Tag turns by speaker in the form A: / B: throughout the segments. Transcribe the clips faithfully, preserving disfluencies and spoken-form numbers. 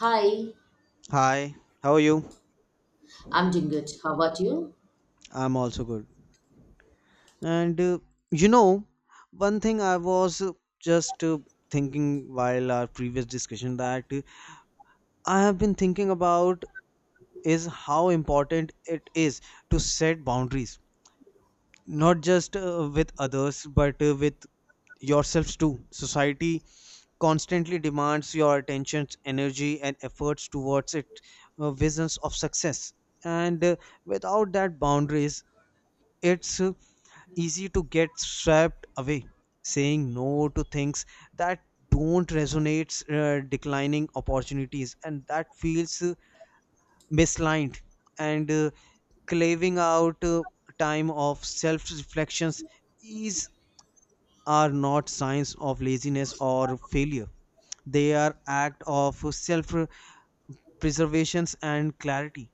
A: Hi,
B: Hi, how are you?
A: I'm doing good. How about you?
B: I'm also good. And uh, you know, one thing I was uh, just uh, thinking while our previous discussion that uh, I have been thinking about is how important it is to set boundaries, not just uh, with others, but uh, with yourselves too. Society constantly demands your attention, energy, and efforts towards its uh, visions of success. And uh, without that boundaries, it's uh, easy to get swept away, saying no to things that don't resonate, uh, declining opportunities, and that feels uh, misaligned, and uh, claving out uh, time of self reflections. These are not signs of laziness or failure; they are act of self preservation and clarity.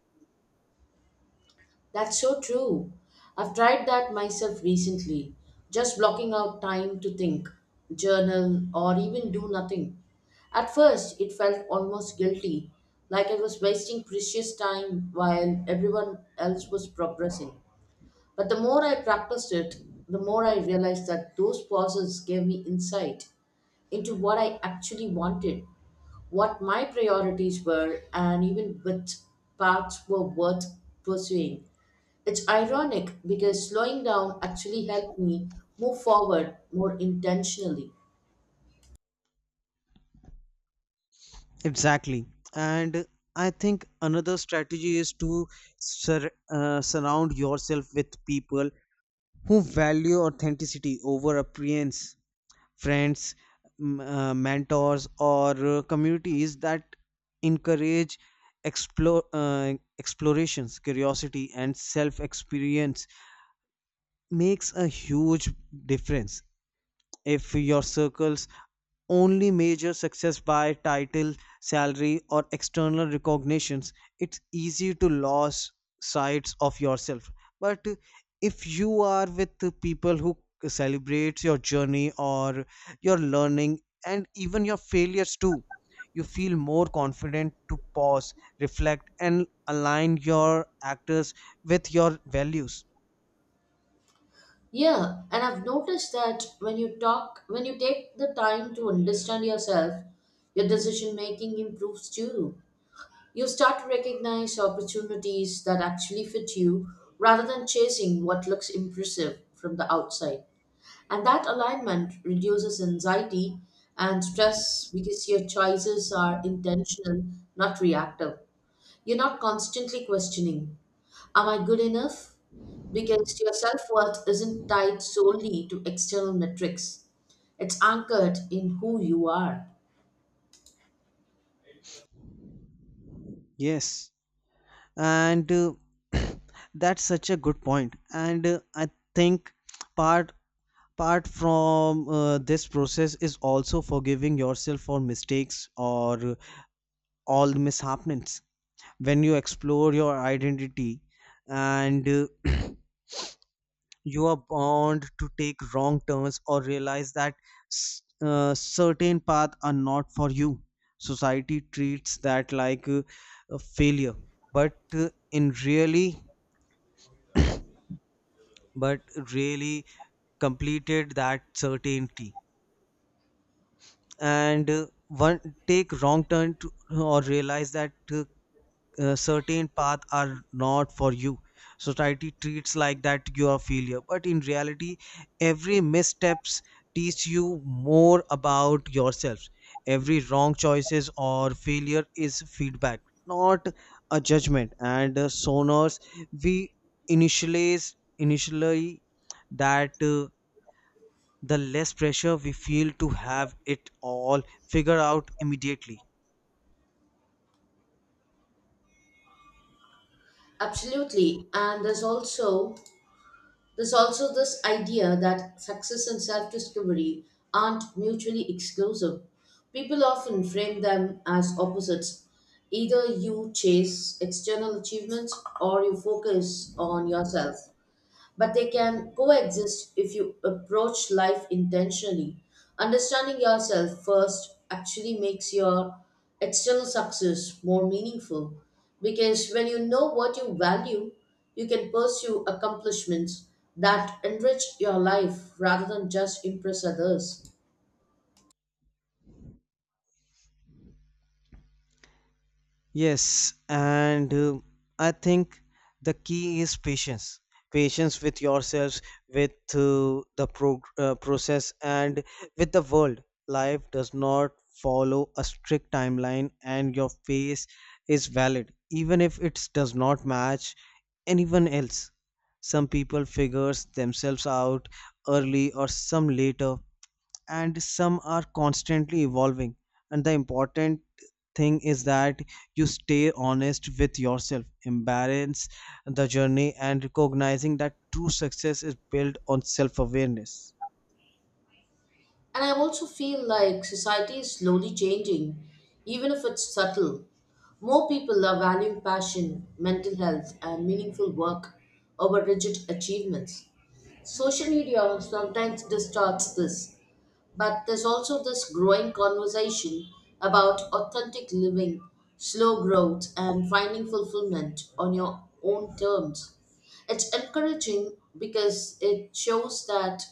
A: That's so true. I've tried that myself recently, just blocking out time to think, journal, or even do nothing. At first, it felt almost guilty, like I was wasting precious time while everyone else was progressing. But the more I practiced it, the more I realized that those pauses gave me insight into what I actually wanted, what my priorities were, and even which paths were worth pursuing. It's ironic because slowing down actually helped me move forward more intentionally.
B: Exactly. And I think another strategy is to sur- uh, surround yourself with people who value authenticity over appearance, friends, m- uh, mentors, or uh, communities that encourage explore, uh, explorations, curiosity, and self experience makes a huge difference if your circles only measure success by title, salary, or external recognitions, it's easy to lose sight of yourself. But if you are with the people who celebrate your journey or your learning and even your failures too, you feel more confident to pause, reflect, and align your actors with your values.
A: Yeah, and I've noticed that when you talk, when you take the time to understand yourself, your decision making improves too. You start to recognize opportunities that actually fit you rather than chasing what looks impressive from the outside. And that alignment reduces anxiety and stress because your choices are intentional, not reactive. You're not constantly questioning, am I good enough? Because your self worth isn't tied solely to external metrics, it's anchored in who you are.
B: Yes. and uh, that's such a good point point. and uh, i think part part from uh, this process is also forgiving yourself for mistakes or uh, all the mishappenings when you explore your identity and uh, you are bound to take wrong turns or realize that s- uh, certain paths are not for you, society treats that like uh, a failure, but uh, in really but really completed that certainty. And uh, one take wrong turn to, or realize that uh, uh, certain paths are not for you, society treats like that you are failure, but in reality every missteps teach you more about yourself, every wrong choices or failure is feedback not a judgment. And uh, sonors we initialize initially that uh, the less pressure we feel to have it all figured out immediately.
A: Absolutely. And there's also There's also this idea that success and self discovery aren't mutually exclusive. People often frame them as opposites. Either you chase external achievements or you focus on yourself, but they can coexist if you approach life intentionally. Understanding yourself first actually makes your external success more meaningful because when you know what you value, you can pursue accomplishments that enrich your life rather than just impress others.
B: Yes, and uh, I think the key is patience. Patience with yourselves, with uh, the pro- uh, process, and with the world. Life does not follow a strict timeline, and your pace is valid, even if it does not match anyone else. Some people figures themselves out early or some later and some are constantly evolving, and the important thing is that you stay honest with yourself, embrace the journey and recognizing that true success is built on self-awareness.
A: And I also feel like society is slowly changing, even if it's subtle. More people are valuing passion, mental health, and meaningful work over rigid achievements. Social media sometimes distorts this, but there's also this growing conversation about authentic living, slow growth, and finding fulfillment on your own terms. It's encouraging because it shows that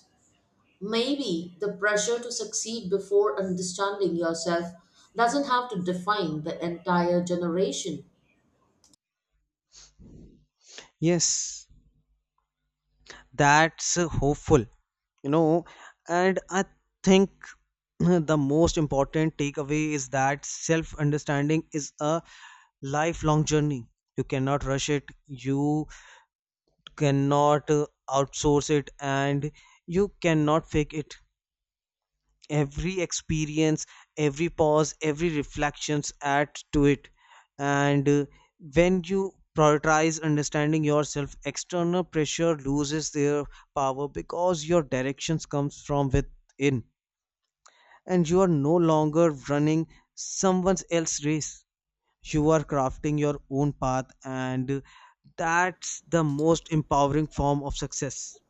A: maybe the pressure to succeed before understanding yourself doesn't have to define the entire generation.
B: Yes that's uh, hopeful you know and i think the most important takeaway is that self-understanding is a lifelong journey. You cannot rush it, you cannot uh, outsource it, and you cannot fake it. Every experience, every pause, every reflections add to it. And uh, when you prioritize understanding yourself, external pressure loses their power because your directions comes from within, and you are no longer running someone else's race. You are crafting your own path, and that's the most empowering form of success.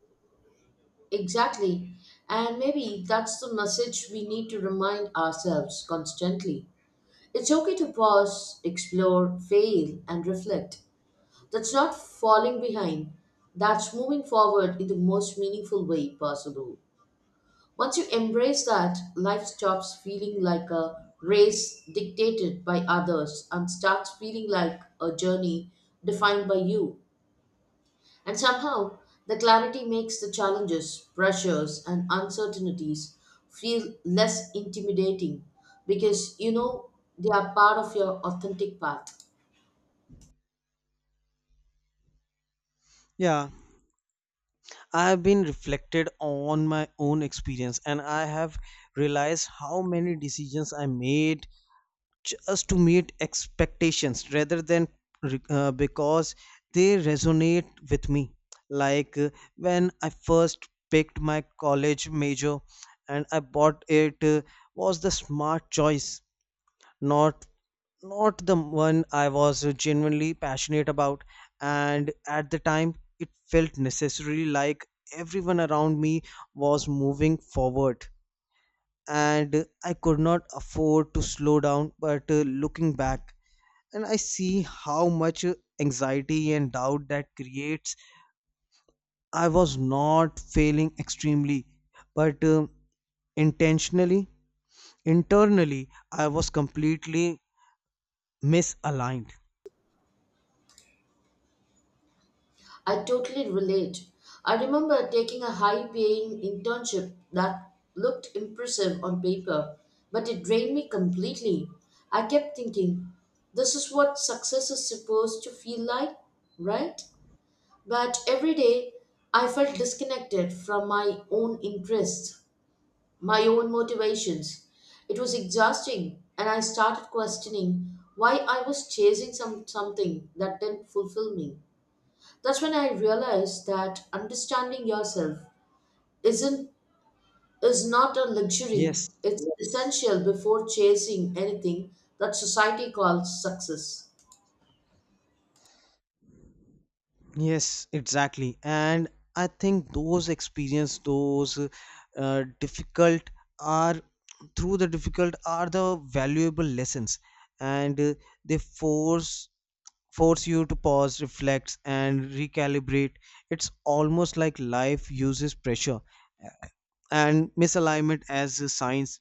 A: Exactly. And maybe that's the message we need to remind ourselves constantly. It's okay to pause, explore, fail, and reflect. That's not falling behind, that's moving forward in the most meaningful way possible. Once you embrace that, life stops feeling like a race dictated by others and starts feeling like a journey defined by you. And somehow, the clarity makes the challenges, pressures, and uncertainties feel less intimidating because you know they are part of your authentic path.
B: Yeah, I've been reflected on my own experience and I have realized how many decisions I made just to meet expectations rather than uh, because they resonate with me. Like uh, when I first picked my college major and I bought it uh, was the smart choice, not not the one I was genuinely passionate about, and at the time it felt necessarily like everyone around me was moving forward and I could not afford to slow down. But uh, looking back and I see how much uh, anxiety and doubt that creates. I was not failing extremely, but um intentionally internally I was completely misaligned.
A: I totally relate. I remember taking a high paying internship that looked impressive on paper, but it drained me completely. I kept thinking, this is what success is supposed to feel like, right? But every day I felt disconnected from my own interests, my own motivations. It was exhausting, and I started questioning why I was chasing some, something that didn't fulfill me. That's when I realized that understanding yourself isn't is not a luxury.
B: Yes
A: It's essential before chasing anything that society calls success.
B: Yes, exactly. And I think those experience, those uh, difficult are through the difficult are the valuable lessons, and uh, they force force you to pause, reflect, and recalibrate. It's almost like life uses pressure and misalignment as a science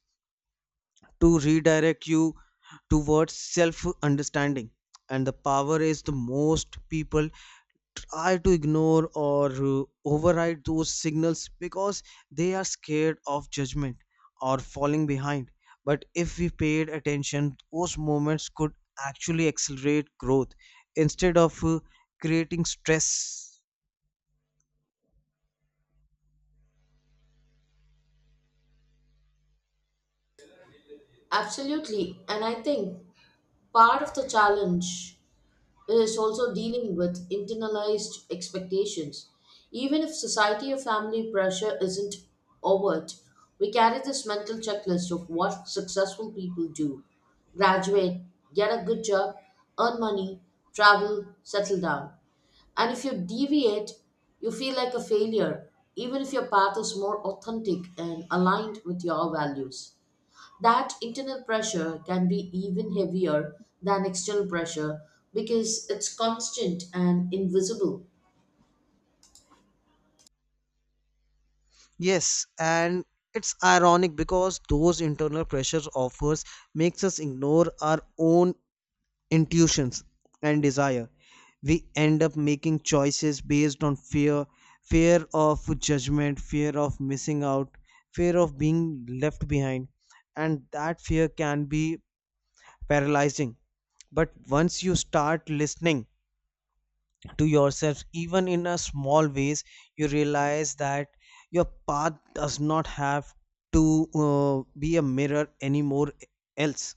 B: to redirect you towards self understanding. And the power is the most people are to ignore or uh, override those signals because they are scared of judgment or falling behind. But if we paid attention, those moments could actually accelerate growth instead of uh, creating stress.
A: Absolutely, and I think part of the challenge is also dealing with internalized expectations. Even if society or family pressure isn't overt, we carry this mental checklist of what successful people do: graduate, get a good job, earn money, travel, settle down. And if you deviate, you feel like a failure, even if your path is more authentic and aligned with your values. That internal pressure can be even heavier than external pressure because it's constant and invisible.
B: Yes, and it's ironic because those internal pressures offers makes us ignore our own intuitions and desire. We end up making choices based on fear, fear of judgment, fear of missing out, fear of being left behind, and that fear can be paralyzing. But once you start listening to yourself, even in a small ways, you realize that your path does not have to uh, be a mirror anymore else,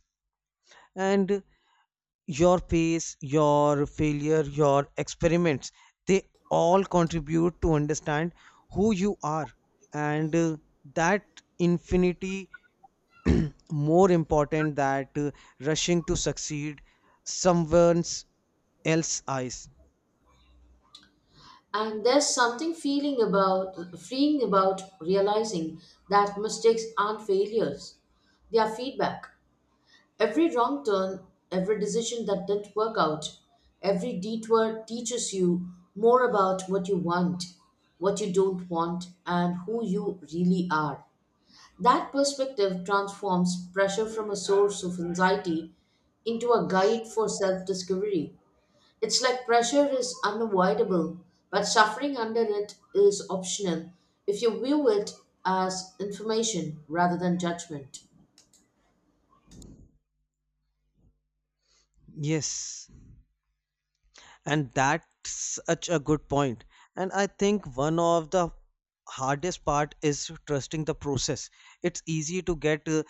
B: and your pace, your failure, your experiments, they all contribute to understand who you are. And uh, that infinity more important that uh, rushing to succeed someone's else eyes.
A: And there's something feeling about freeing about realizing that mistakes aren't failures. They are feedback. Every wrong turn, every decision that didn't work out, every detour teaches you more about what you want, what you don't want, and who you really are. That perspective transforms pressure from a source of anxiety into a guide for self discovery. It's like pressure is unavoidable, but suffering under it is optional if you view it as information rather than judgment.
B: Yes, and that's such a good point point. and i think one of the hardest part is trusting the process. It's easy to get uh,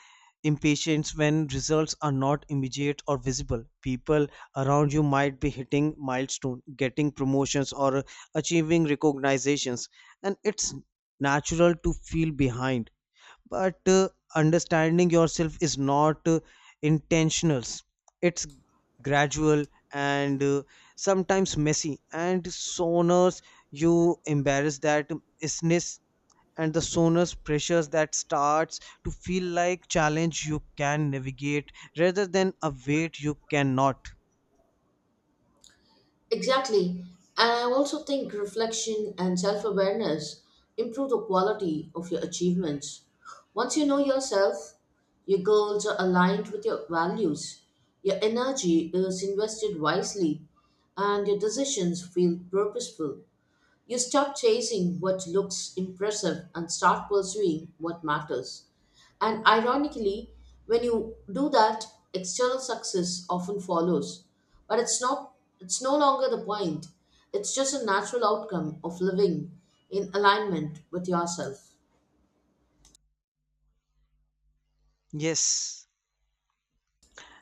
B: impatient when results are not immediate or visible. People around you might be hitting milestone, getting promotions or achieving recognitions, and it's natural to feel behind. But uh, understanding yourself is not uh, intentional, it's gradual, and uh, sometimes messy, and sooner you embrace that isness and the sooner pressures that starts to feel like challenge you can navigate rather than a weight you cannot.
A: Exactly. And I also think reflection and self awareness improve the quality of your achievements. Once you know yourself, your goals are aligned with your values, your energy is invested wisely, and your decisions feel purposeful. You stop chasing what looks impressive and start pursuing what matters. And ironically, when you do that, external success often follows. But it's not It's no longer the point. It's just a natural outcome of living in alignment with yourself.
B: Yes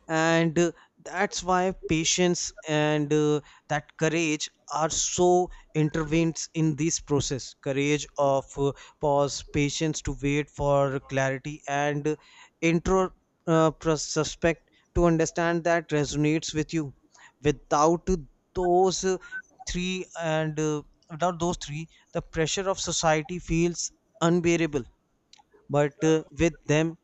B: and uh, that's why patience and uh, that courage are so intervenes in this process, courage of uh, pause, patience to wait for clarity, and uh, intro uh, pros- suspect to understand that resonates with you. Without those uh, three and uh, without those three the pressure of society feels unbearable, but uh, with them,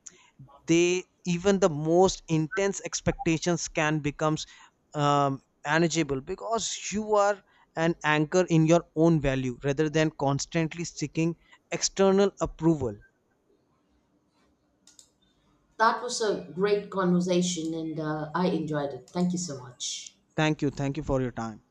B: they even the most intense expectations can becomes um, manageable because you are an anchor in your own value rather than constantly seeking external approval.
A: That was a great conversation and uh, I enjoyed it. Thank you so much.
B: Thank you, thank you for your time.